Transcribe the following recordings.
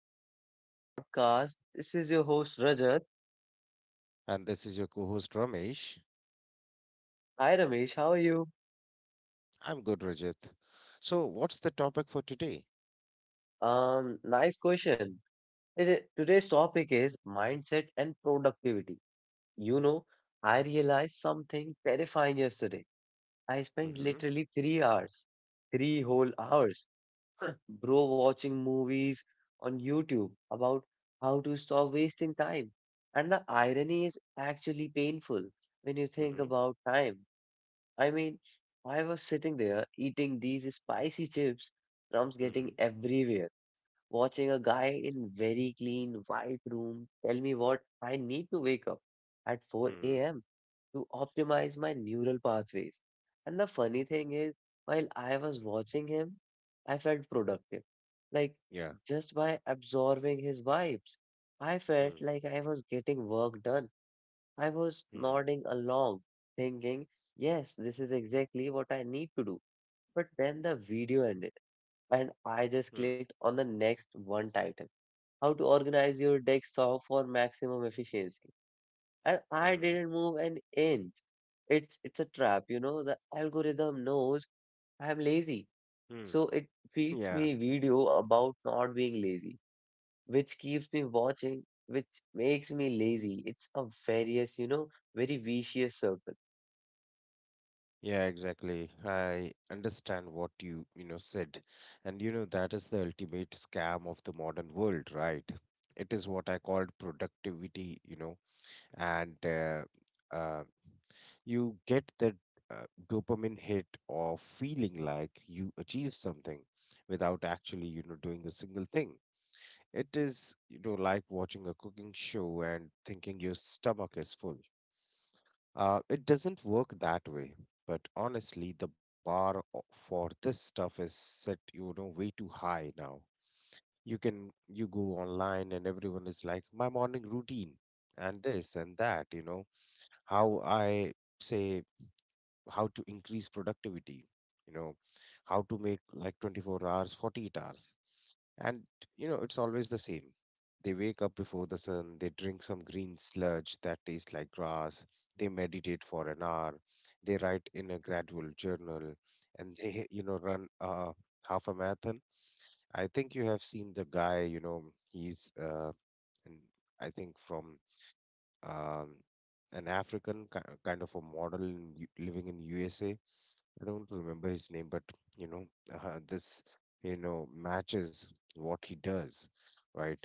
back to another podcast. This is your host Rajat. And this is your co host Ramesh. Hi Ramesh, how are you? I'm good, Rajat. So, what's the topic for today? Nice question. Today's topic is mindset and productivity. You know, I realized something terrifying yesterday. I spent Mm-hmm. literally 3 hours, 3 whole hours, bro, watching movies on YouTube about how to stop wasting time. And the irony is actually painful when you think Mm-hmm. about time. I mean, I was sitting there eating these spicy chips, crumbs getting Mm-hmm. everywhere, watching a guy in very clean white room tell me what I need to wake up at 4 Mm-hmm. a.m. to optimize my neural pathways. And the funny thing is, while I was watching him, I felt productive. Like Yeah. just by absorbing his vibes, I felt Mm-hmm. like I was getting work done. I was nodding along, thinking, yes, this is exactly what I need to do. But then the video ended, and I Mm-hmm. just clicked on the next one title How to Organize Your Desktop for Maximum Efficiency. And I Mm-hmm. didn't move an inch. It's a trap. The algorithm knows I'm lazy. Mm. So it feeds Yeah. me video about not being lazy, which keeps me watching, which makes me lazy. It's a various very vicious circle. Yeah, exactly. I understand what you said. And that is the ultimate scam of the modern world, right? It is what I called productivity and uh, you get that dopamine hit of feeling like you achieved something without actually doing a single thing. It is like watching a cooking show and thinking your stomach is full. It doesn't work that way. But honestly, the bar for this stuff is set way too high now. You go online and everyone is like, my morning routine and this and that. How I say How to increase productivity, you know how to make like 24 hours, 48 hours. And it's always the same. They wake up before the sun. They drink some green sludge that tastes like grass. They meditate for an hour. They write in a gradual journal. And they run half a marathon. I think you have seen the guy. He's and I think from um, an African kind of a model living in USA. I don't remember his name, but you know, this matches what he does, right?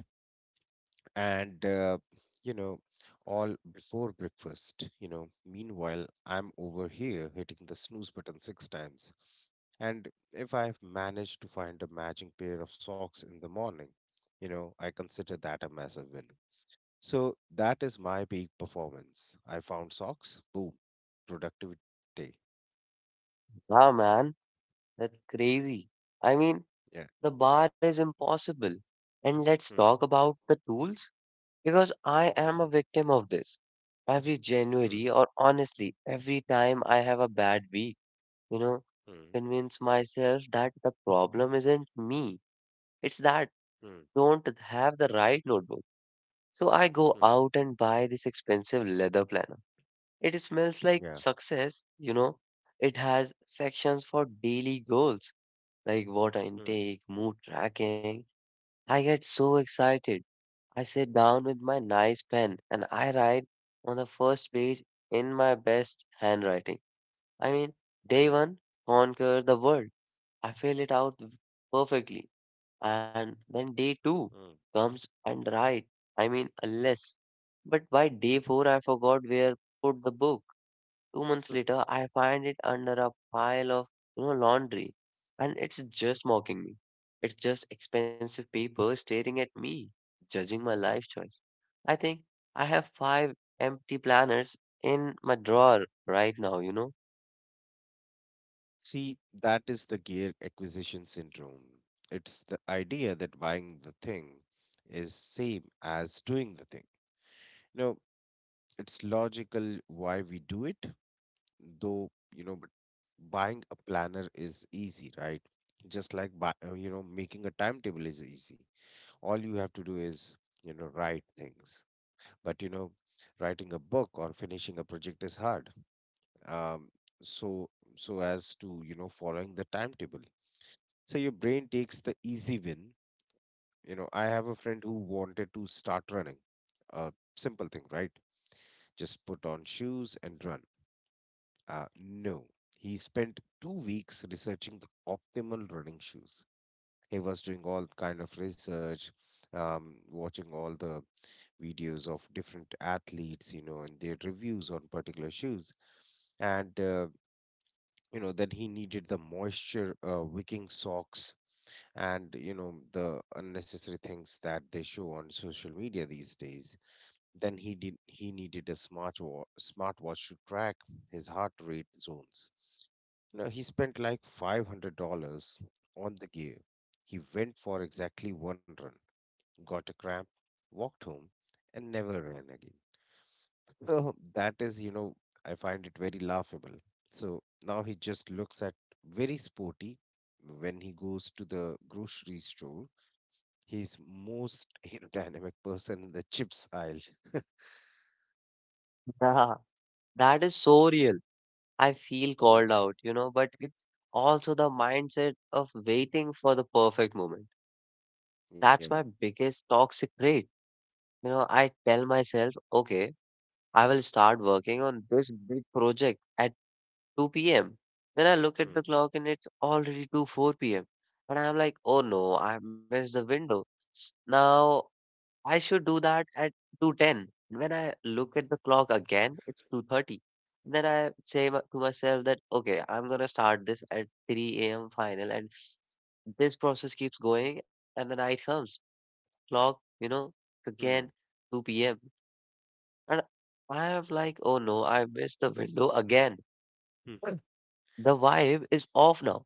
And you know, all before breakfast. Meanwhile, I'm over here hitting the snooze button six times, and if I've managed to find a matching pair of socks in the morning, I consider that a massive win. So that is my peak performance. I found socks, boom, productivity day. Wow, man, that's crazy. I mean, Yeah. the bar is impossible. And let's Hmm. talk about the tools because I Hmm, am hmm, a victim of this. Every hmm. January, or honestly, every time I have a bad week, you know, Mm, convince myself that the problem isn't me. It's that mm, don't have the right notebook. So I go mm. out and buy this expensive leather planner. It smells like Yeah. success. It has sections for daily goals like water Mm, intake, mood tracking. I get so excited. I sit down with my nice pen and I write on the first page in my best handwriting. I mean, day mm, one, conquer the world. I fill it out perfectly. And then day mm, two comes and write. I mean, a less. But by day four, I forgot where put the book. Two mm. months later, I find it under a pile of laundry, and it's just mocking me. It's just expensive paper staring at me, judging my life choice. I think I have five empty planners in my drawer right now. See, that is the gear acquisition syndrome. It's the idea that buying the thing is same as doing the thing. You know, it's logical why we do it, though, but buying a planner is easy, right? Just like buy, making a timetable is easy. All you have to do is, write things. But, writing a book or finishing a project is hard. um, so so as to following the timetable, so your brain takes the easy win. I have a friend who wanted to start running. A simple thing, right? Just put on shoes, run. No, he spent 2 weeks researching the optimal running shoes. He was doing all kind of research, watching all the videos of different athletes and their reviews on particular shoes. And then he needed the moisture wicking socks. And the unnecessary things that they show on social media these days. Then he needed a smartwatch to track his heart rate zones. He spent like $500 on the gear. He went for exactly one run, got a cramp, walked home, and never ran again. That is, I find it very laughable. So now he just looks at very sporty when he goes to the grocery store. He's most aerodynamic person in the chips aisle. Yeah, that is so real. I feel Hmm. called out, but it's also the mindset of waiting for the perfect moment. That's Yeah. my biggest toxic trait. I tell myself, okay. I will start working on this big project at 2 p.m. Then I look at the Hmm. clock and it's already 2 4 p.m. And I'm like, oh no, I missed the window. Now I should do that at 2:10. When I look at the clock again, it's 2:30. Then I say to myself that okay, I'm gonna start this at 3 a.m. final, and this process keeps going, and the night comes. Clock, again Hmm. 2 p.m. And I have like, oh no, I missed the window again. Hmm. The vibe is off now.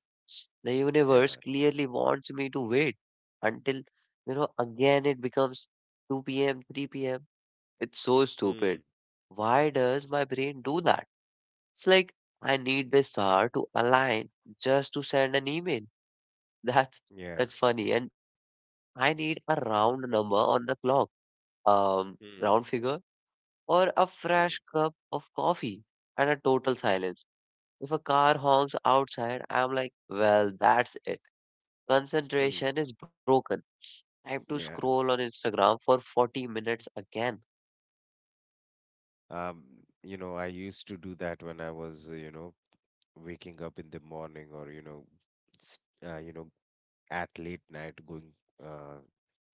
The universe Yeah. clearly wants me to wait until, again it becomes 2 p.m., 3 p.m. It's so Hmm. stupid. Why does my brain do that? It's like I need this hour to align just to send an email. That's Yeah. that's funny. And I need a round number on the clock. Um, Hmm. round figure or a Hmm. fresh cup of coffee and a total silence. If a car honks outside, I'm like, well, that's it. Hmm. Concentration is broken. Time to Yeah. scroll on Instagram for 40 minutes again. Um, I used to do that when I was waking up in the morning ors- uh, you know, at late night going uh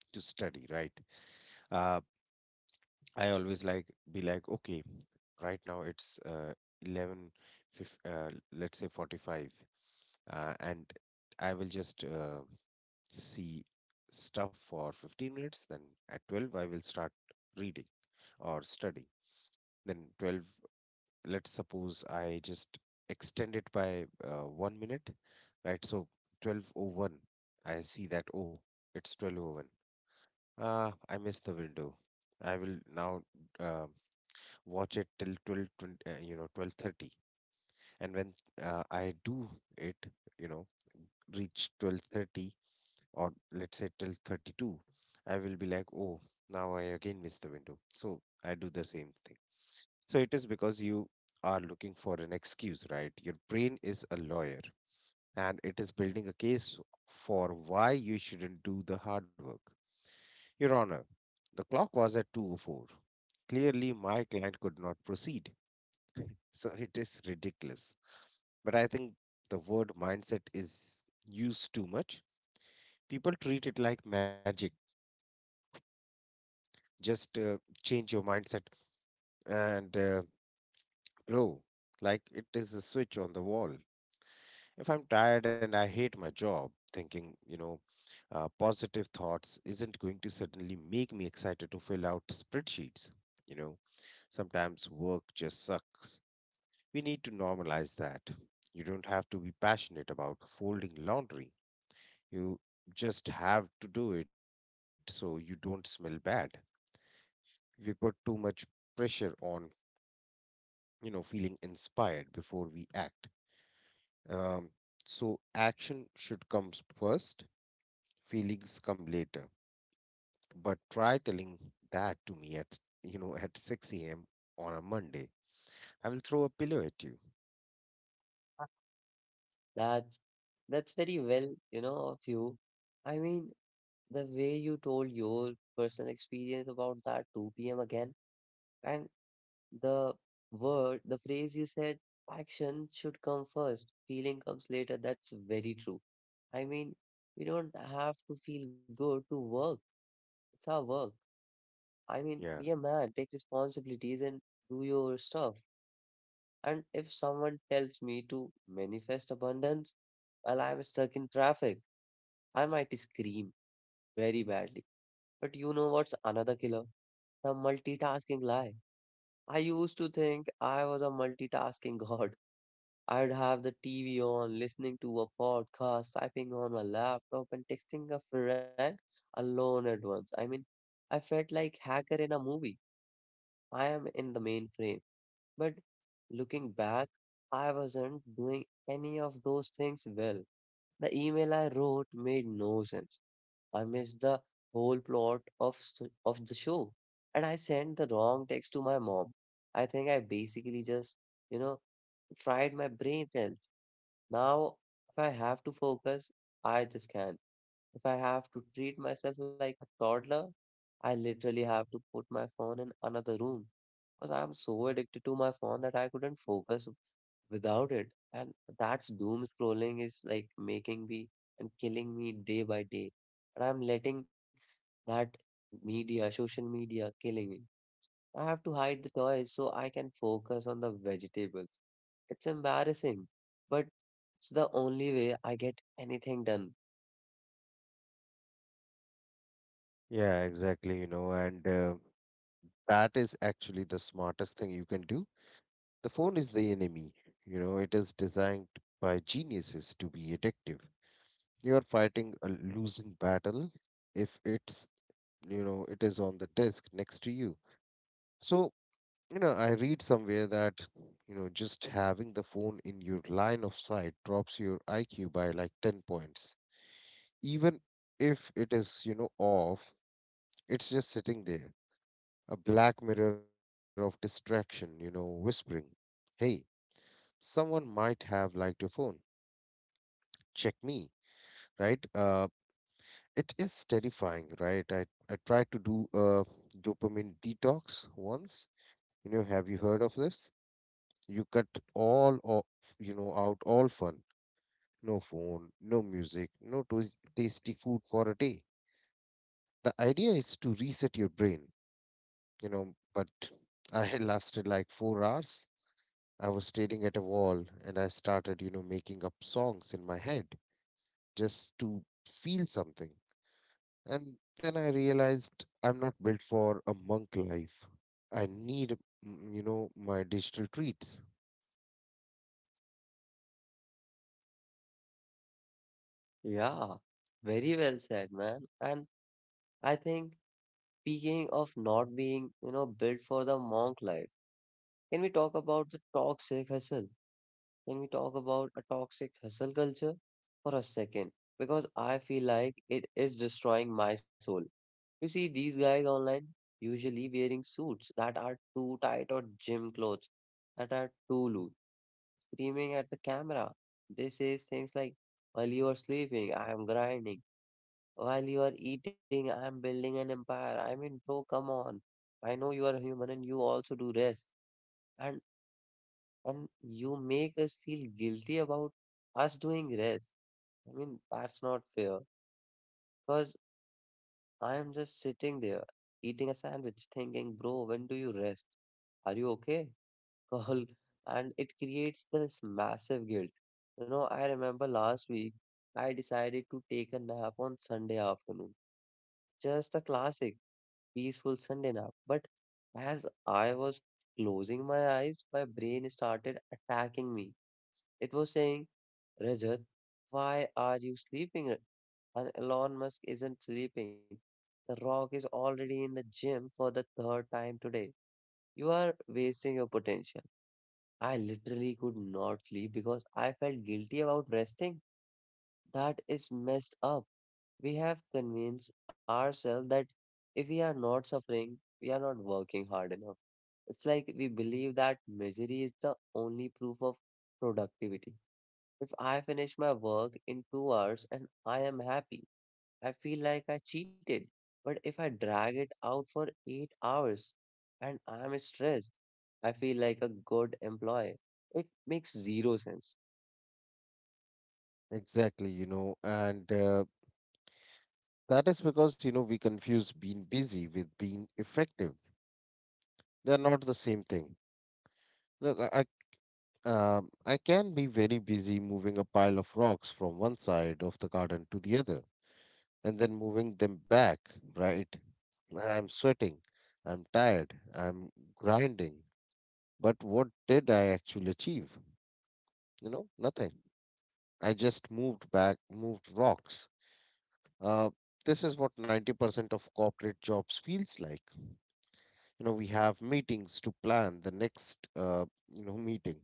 to study, right? uh, I always like, be like, okay, right now it's 11, let's say 45. And I will just see stuff for 15 minutes, then at 12 I will start reading or studying. Then 12, let's suppose I just extend it by 1 minute, right? So 12:01, I see that, oh, it's 12:01. I missed the window. I will now uh, watch it till 12, 12:30. And when I do it, you know, reach 12:30, or let's say 12:32, I will be like, "Oh, now I again miss the window." So I do the same thing. So it is because you are looking for an excuse, right? Your brain is a lawyer, and it is building a case for why you shouldn't do the hard work. Your Honor, the clock was at 2:04. Clearly, my client could not proceed. So it is ridiculous. But I think the word mindset is used too much. People treat it like magic. Just change your mindset and grow. Like it is a switch on the wall. If I'm tired and I hate my job, thinking, positive thoughts isn't going to suddenly make me excited to fill out spreadsheets. You know, Sometimes work just sucks. We need to normalize that. You don't have to be passionate about folding laundry. You just have to do it so you don't smell bad. We put too much pressure on, feeling inspired before we act. Um, so action should come first, feelings come later. But try telling that to me at, at 6 a.m. on a Monday. I will throw a pillow at you. That's that's very well, of you. I mean, the way you told your personal experience about that 2 p.m. again, and the word, the phrase you said, action should come first, feeling comes later. That's very true. I mean, we don't have to feel good to work. It's our work. I mean, be a Yeah. man, take responsibilities and do your stuff. And if someone tells me to manifest abundance while I'm stuck in traffic, I might scream very badly. But you know what's another killer? The multitasking lie. I used to think I was a multitasking god. I'd have the TV on, listening to a podcast, typing on my laptop, and texting a friend alone at once. I mean, I felt like hacker in a movie. I am in the mainframe. But looking back, I wasn't doing any of those things well. The email I wrote made no sense. I missed the whole plot of s- of the show, and I sent the wrong text to my mom. I think I basically just, you know, fried my brain cells. Now, if I have to focus, I just can't. If I have to treat myself like a toddler, I literally have to put my phone in another room because I'm so addicted to my phone that I couldn't focus without it. And that's doom scrolling is like making me and killing me day by day. And I'm letting that media, social media, killing me. I have to hide the toys so I can focus on the vegetables. It's embarrassing, but it's the only way I get anything done. Yeah, exactly. And that is actually the smartest thing you can do. The phone is the enemy. It is designed by geniuses to be addictive. You are fighting a losing battle if it is on the desk next to you. So, I read somewhere that, just having the phone in your line of sight drops your IQ by like 10 points. Even if it is, off, it's just sitting there, a black mirror of distraction, whispering, hey, someone might have liked your phone. Check me, right? It is terrifying, right? I tried to do a dopamine detox once. Have you heard of this? You cut all of, you know, out all fun. No phone, no music, no tasty food for a day. The idea is to reset your brain, but I had lasted like 4 hours. I was staring at a wall and I started, making up songs in my head just to feel something. And then I realized I'm not built for a monk life. I need my digital treats. Yeah, very well said, man. And I think speaking of not being, built for the monk life, can we talk about the toxic hustle? Can we talk about a toxic hustle culture for a second? Because I feel like it is destroying my soul. You see, these guys online usually wearing suits that are too tight or gym clothes that are too loose, screaming at the camera. They say things like, while you are sleeping, I am grinding. While you are eating, I am building an empire. I mean, bro, come on. I know you are human and you also do rest. And and you make us feel guilty about us doing rest. I mean, that's not fair. Because I am just sitting there eating a sandwich thinking, bro, when do you rest? Are you okay? Alcohol and it creates this massive guilt. I remember last week I decided to take a nap on Sunday afternoon, just a classic, peaceful Sunday nap. But as I was closing my eyes, my brain started attacking me. It was saying, Rajat, why are you sleeping? And Elon Musk isn't sleeping. The Rock is already in the gym for the third time today. You are wasting your potential. I literally could not sleep because I felt guilty about resting. That is messed up. We have convinced ourselves that if we are not suffering, we are not working hard enough. It's like we believe that misery is the only proof of productivity. If I finish my work in 2 hours and I am happy, I feel like I cheated. But if I drag it out for 8 hours and I'm stressed, I feel like a good employee. It makes zero sense. Exactly, and that is because, we confuse being busy with being effective. They're not the same thing. Look, I can be very busy moving a pile of rocks from one side of the garden to the other and then moving them back, right? I'm sweating. I'm tired. I'm grinding. But what did I actually achieve? Nothing. I just moved back, moved rocks. Uh, this is what 90% of corporate jobs feels like. We have meetings to plan the next meeting.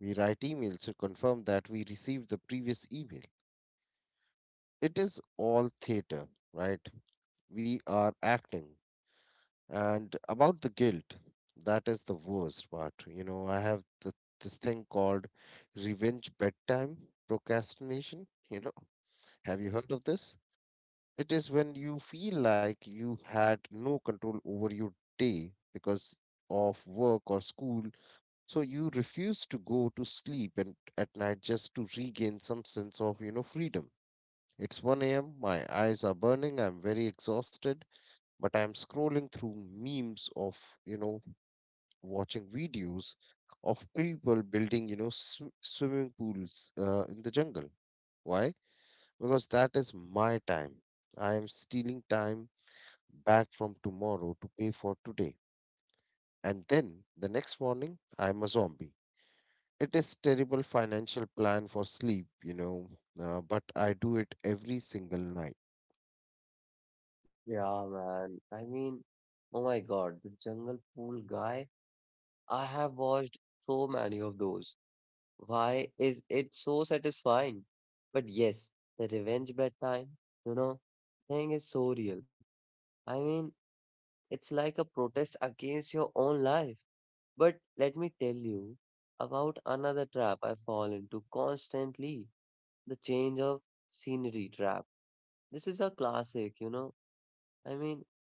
We write emails to confirm that we received the previous email. It is all theater, right? We are acting. And about the guilt, that is the worst part. I have this thing called revenge bedtime procrastination. You know, have you heard of this? It is when you feel like you had no control over your day because of work or school, so you refuse to go to sleep and at night just to regain some sense of, freedom. It's 1 a.m., my eyes are burning, I'm very exhausted, but I'm scrolling through memes of, you know, watching videos of people building, swimming pools in the jungle. Why? Because that is my time. I am stealing time back from tomorrow to pay for today. And then the next morning, I am a zombie. It is terrible financial plan for sleep, but I do it every single night. Yeah, man. I mean, oh my God, the jungle pool guy. I have watched so many of those. Why is it so satisfying? But yes, the revenge bedtime, you know, thing is so real. I mean, it's like a protest against your own life. But let me tell you about another trap I fall into constantly, the change of scenery trap. This is a classic. I mean,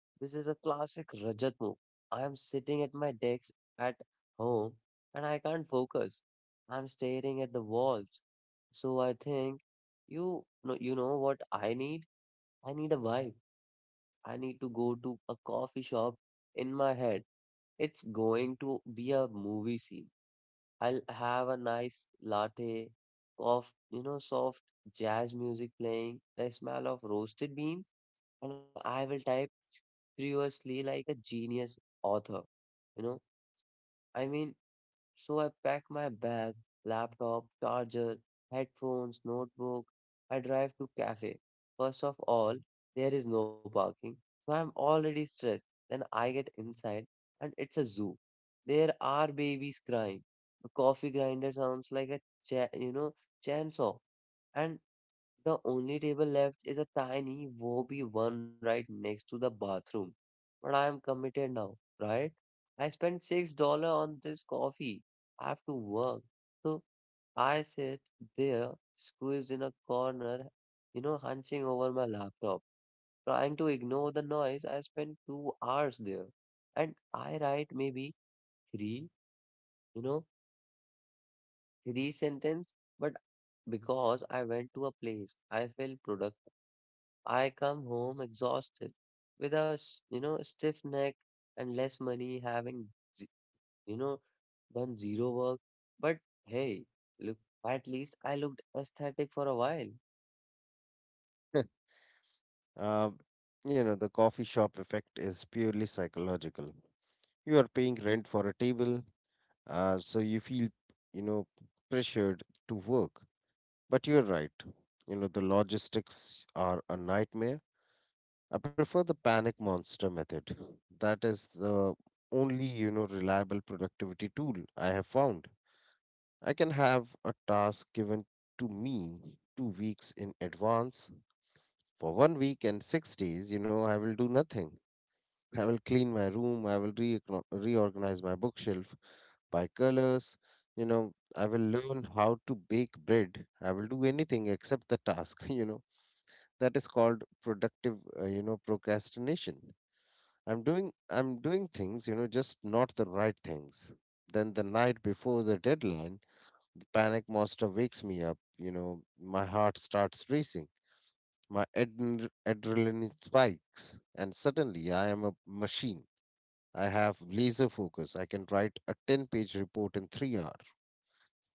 this is a classic Rajat move. I am sitting at my desk at home and I can't focus. I'm staring at the walls. So I think, you know what I need? I need a vibe. I need to go to a coffee shop in my head. It's going to be a movie scene. I'll have a nice latte, cough, soft jazz music playing, the smell of roasted beans, and I will type furiously like a genius author. You know, I mean, so I pack my bag, laptop, charger, headphones, notebook. I drive to cafe. First of all, there is no parking, so I'm already stressed. Then I get inside and it's a zoo. There are babies crying. The coffee grinder sounds like a cha- you know chainsaw, and the only table left is a tiny woe be one right next to the bathroom. But I am committed now, right? I spent $6 on this coffee. I have to work. So I sit there, squeezed in a corner, hunching over my laptop, trying to ignore the noise. I spend 2 hours there. And I write maybe three, you know, three sentence, but because I went to a place, I felt productive. I come home exhausted with a stiff neck and less money having, z- you know, done zero work. But hey, look, at least I looked aesthetic for a while. Um, the coffee shop effect is purely psychological. You are paying rent for a table, so you feel you know pressured to work. But you're right, the logistics are a nightmare. I prefer the panic monster method. That is the only reliable productivity tool I have found. I can have a task given to me 2 weeks in advance. For one week and 6 days, I will do nothing. I will clean my room. I will reorganize my bookshelf by colors. I will learn how to bake bread. I will do anything except the task. That is called productive procrastination. I'm doing things, just not the right things. Then the night before the deadline, the panic monster wakes me up, my heart starts racing, my adrenaline spikes, and suddenly I am a machine. I have laser focus. I can write a 10-page report in 3 hours.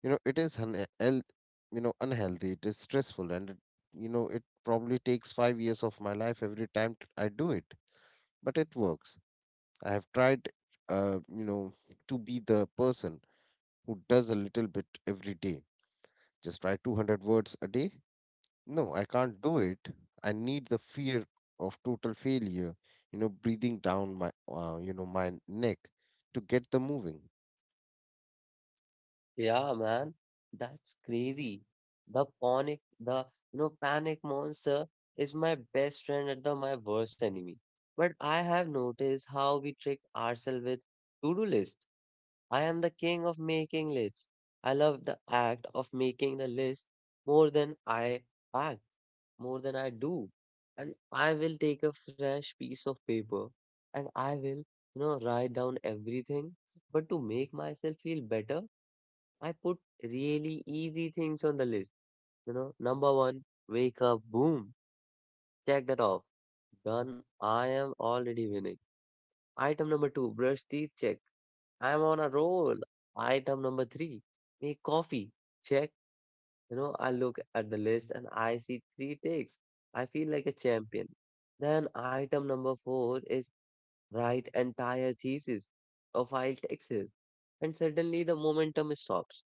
It is unhealthy. It is stressful and it, you know it probably takes 5 years of my life every time I do it, but it works. I have tried, uh, you know to be the person who does a little bit every day, just write 200 words a day. No, I can't do it. I need the fear of total failure, you know, breathing down my my neck to get the moving. Yeah, man, that's crazy. The panic monster is my best friend and the my worst enemy. But I have noticed how we trick ourselves with to-do lists. I am the king of making lists. I love the act of making the list more than I act, more than I do. And I will take a fresh piece of paper and I will write down everything. But to make myself feel better, I put really easy things on the list. You know, number one, wake up, boom, check that off. Done, I am already winning. Item number two, brush teeth, check. I'm on a roll. Item number three, make coffee. Check. You know, I look at the list and I see three ticks. I feel like a champion. Then item number four is write entire thesis or file taxes. And suddenly the momentum stops.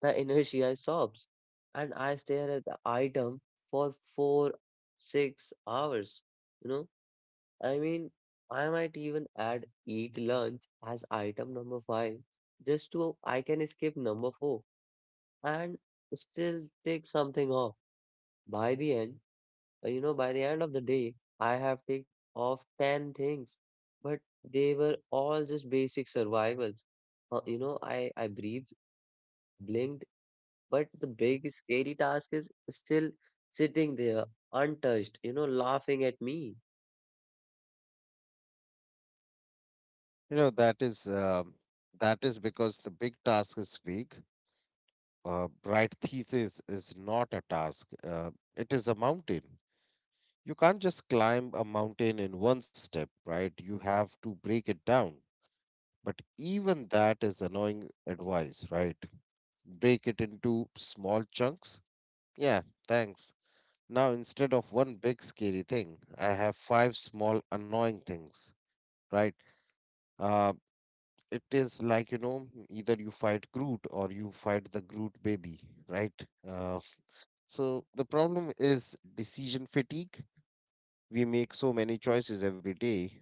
The inertia stops. And I stare at the item for four, 6 hours. You know, I mean, I might even add eat lunch as item number five, just to I can skip number four and still take something off. By the end, by the end of the day, I have ticked off 10 things, but they were all just basic survivals. I breathed, blinked, but the big scary task is still sitting there, untouched, laughing at me. you know that is um that is because the big task is big. Write thesis is not a task. It is a mountain. You can't just climb a mountain in one step, right? You have to break it down. But even that is annoying advice, right? Break it into small chunks. Yeah, thanks. Now, instead of one big scary thing, I have five small annoying things, right? Uh, it is like, you know, either you fight Groot or you fight the Groot baby, right? Uh, So the problem is decision fatigue. We make so many choices every day,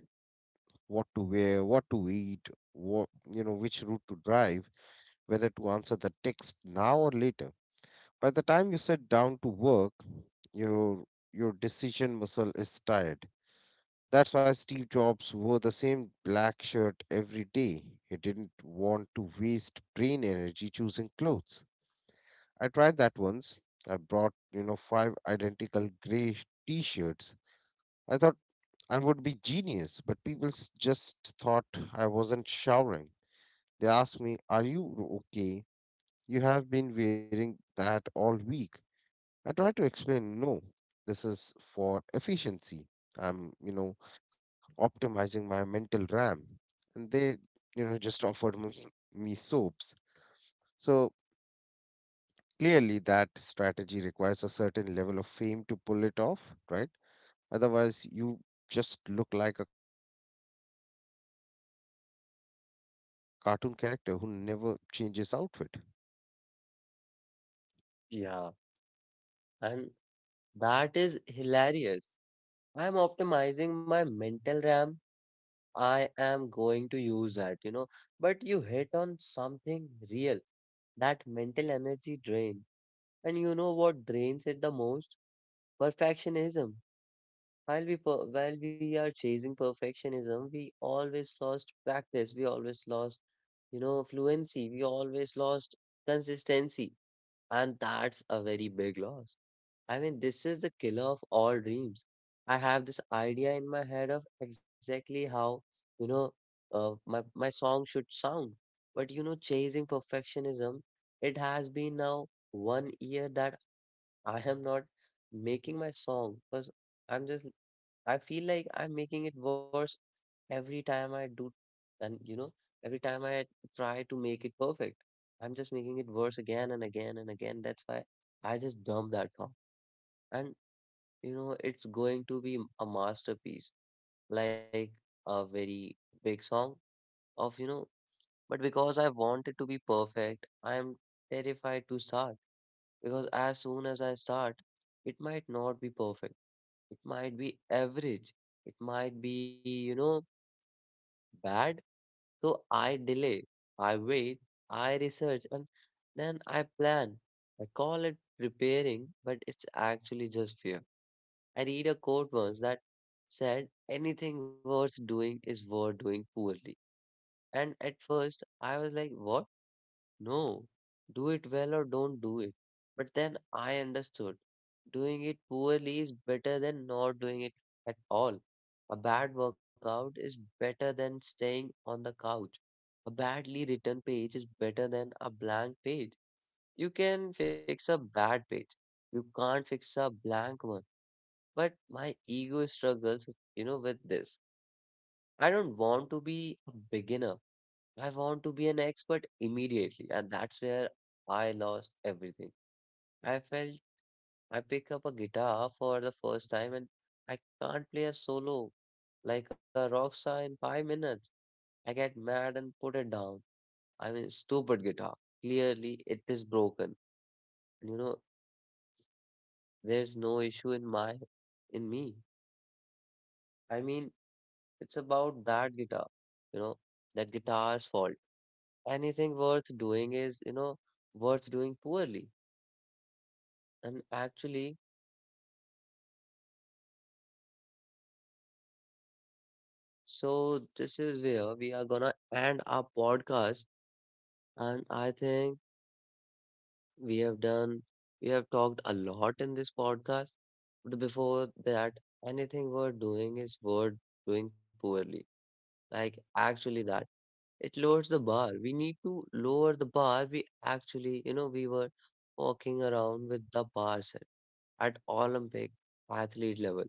what to wear, what to eat, what, you know, which route to drive, whether to answer the text now or later. By the time you sit down to work, your your decision muscle is tired. That's why Steve Jobs wore the same black shirt every day. He didn't want to waste brain energy choosing clothes. I tried that once. I brought, you know, five identical gray t-shirts. I thought I would be genius, but people just thought I wasn't showering. They asked me, "Are you okay? You have been wearing that all week." I tried to explain, "No, this is for efficiency. I'm, you know, optimizing my mental RAM." And they, you know, just offered me soaps. So clearly, that strategy requires a certain level of fame to pull it off, right? Otherwise, you just look like a cartoon character who never changes outfit. Yeah, and that is hilarious. I'm optimizing my mental RAM. I am going to use that. But you hit on something real, that mental energy drain. And you know what drains it the most? Perfectionism. While we are chasing perfectionism, we always lost practice. We always lost fluency. We always lost consistency. And that's a very big loss. I mean, this is the killer of all dreams. I have this idea in my head of exactly how, you know, uh, my my song should sound. But chasing perfectionism, it has been now 1 year that I am not making my song because I'm just I feel like I'm making it worse every time I do, and every time I try to make it perfect, I'm just making it worse again and again and again. That's why I just dump that song. And it's going to be a masterpiece, like a very big song of, but because I want it to be perfect, I am terrified to start because as soon as I start, it might not be perfect. It might be average. It might be bad. So I delay, I wait, I research, and then I plan. I call it preparing, but it's actually just fear. I read a quote once that said, anything worth doing is worth doing poorly. And at first, I was like, what? No, do it well or don't do it. But then I understood doing it poorly is better than not doing it at all. A bad workout is better than staying on the couch. A badly written page is better than a blank page. You can fix a bad page, you can't fix a blank one, but my ego struggles with this. I don't want to be a beginner. I want to be an expert immediately, and that's where I lost everything. I felt I pick up a guitar for the first time and I can't play a solo like a rock star in 5 minutes. I get mad and put it down. I mean, stupid guitar. Clearly, it is broken. And there's no issue in my in me. I mean, it's about that guitar, you know, that guitar's fault. Anything worth doing is worth doing poorly. And actually, so this is where we are gonna end our podcast. And I think we have done, we have talked a lot in this podcast. But before that, anything worth doing is worth doing poorly. Like, actually, that. It lowers the bar. We need to lower the bar. We actually, we were walking around with the bar set at Olympic athlete level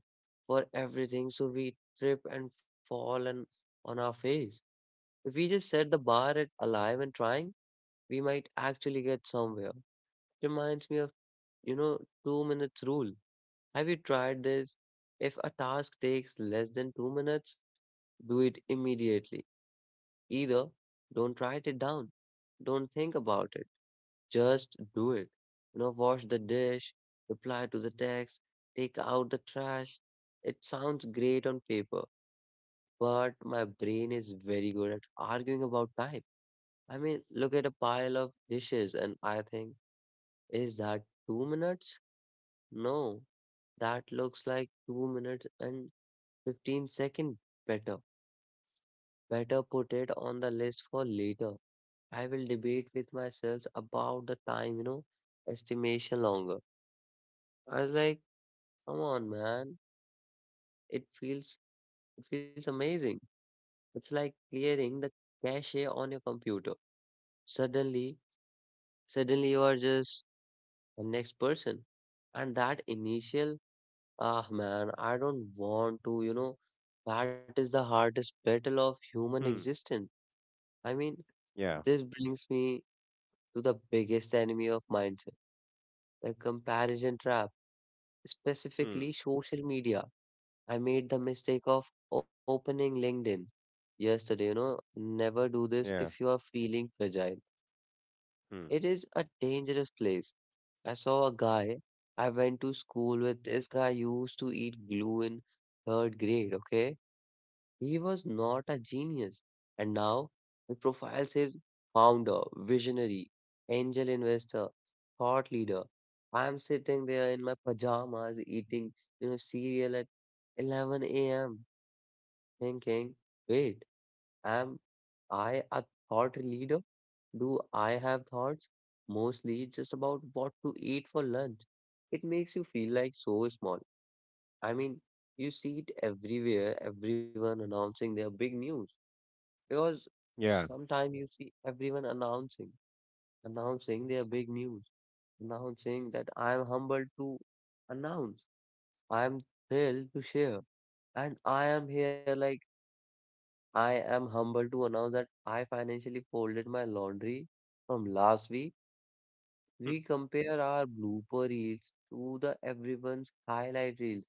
for everything. So we trip and fall and on our face. If we just set the bar at alive and trying, we might actually get somewhere. Reminds me of, you know, 2 minutes rule. Have you tried this? If a task takes less than 2 minutes, do it immediately. Either don't write it down, don't think about it, just do it. You know, wash the dish, reply to the text, take out the trash. It sounds great on paper, but my brain is very good at arguing about time. I mean, look at a pile of dishes and I think, is that 2 minutes? No, that looks like 2 minutes and 15 seconds better. Better put it on the list for later. I will debate with myself about the time, estimation longer. I was like, come on, man. It feels it feels amazing. It's like clearing the cache on your computer. Suddenly, suddenly, you are just the next person. And that initial, ah man, I don't want to, that is the hardest battle of human Hmm. existence. I mean, Yeah. this brings me to the biggest enemy of mindset, the comparison trap specifically Hmm. social media. I made the mistake of opening LinkedIn yesterday, never do this if Yeah. you are feeling fragile. Hmm. It is a dangerous place. I saw a guy I went to school with. This guy used to eat glue in third grade, okay? He was not a genius. And now he profiles his founder, visionary, angel investor, thought leader. I'm sitting there in my pajamas eating cereal at 11 a.m. thinking, wait, am I a thought leader? Do I have thoughts? Mostly just about what to eat for lunch. It makes you feel like so small. I mean, you see it everywhere, everyone announcing their big news. Because Yeah. sometimes you see everyone announcing their big news, announcing that I am humbled to announce, I am thrilled to share, and I am here like I am humbled to announce that I financially folded my laundry from last week. We Hmm. compare our blooper reels to the everyone's highlight reels.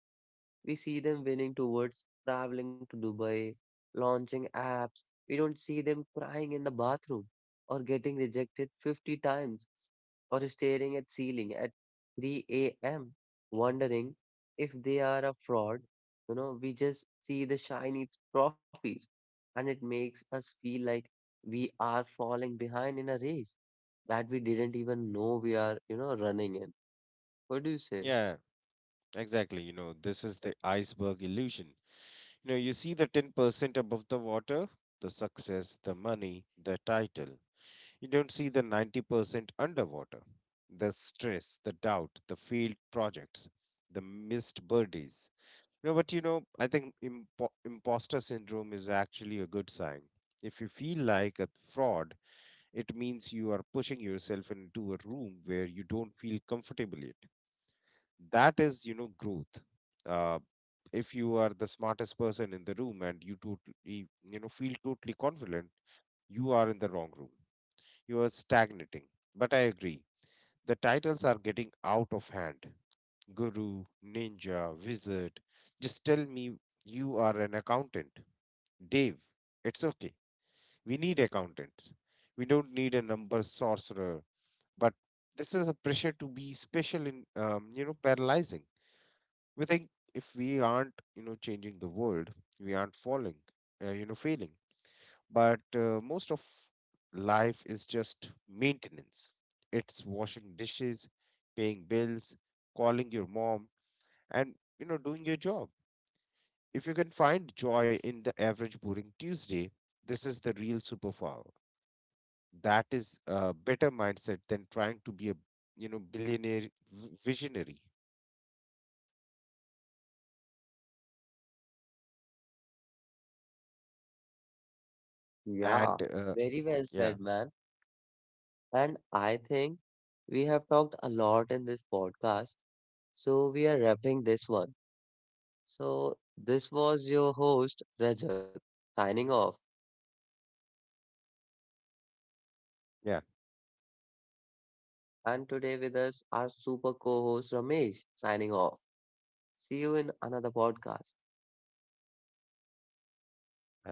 We see them winning towards traveling to Dubai, launching apps. We don't see them crying in the bathroom or getting rejected 50 times or staring at ceiling at 3 a.m. wondering if they are a fraud. You know, we just see the shiny trophies and it makes us feel like we are falling behind in a race that we didn't even know we are running in. What do you say? Yeah. Exactly. You know, this is the iceberg illusion. You know, you see the 10% above the water, the success, the money, the title. You don't see the 90% underwater, the stress, the doubt, the failed projects, the missed birdies. You know, but you know, I think imposter syndrome is actually a good sign. If you feel like a fraud, it means you are pushing yourself into a room where you don't feel comfortable yet. That is, you know, growth. Uh, if you are the smartest person in the room and you totally, you know, feel totally confident, you are in the wrong room. You are stagnating. But I agree. The titles are getting out of hand. Guru, ninja, wizard. Just tell me you are an accountant. Dave, it's okay. We need accountants. We don't need a number sorcerer, but this is a pressure to be special in, you know, paralyzing. We think if we aren't, you know, changing the world, we aren't falling, you know, failing. But most of life is just maintenance. It's washing dishes, paying bills, calling your mom, and, you know, doing your job. If you can find joy in the average boring Tuesday, this is the real superpower. That is a better mindset than trying to be a, you know, billionaire visionary. Yeah, And very well yeah. said, man. And I think we have talked a lot in this podcast. So we are wrapping this one. So this was your host Rajat signing off. Yeah. And today with us our super co-host Ramesh signing off. See you in another podcast. Yeah.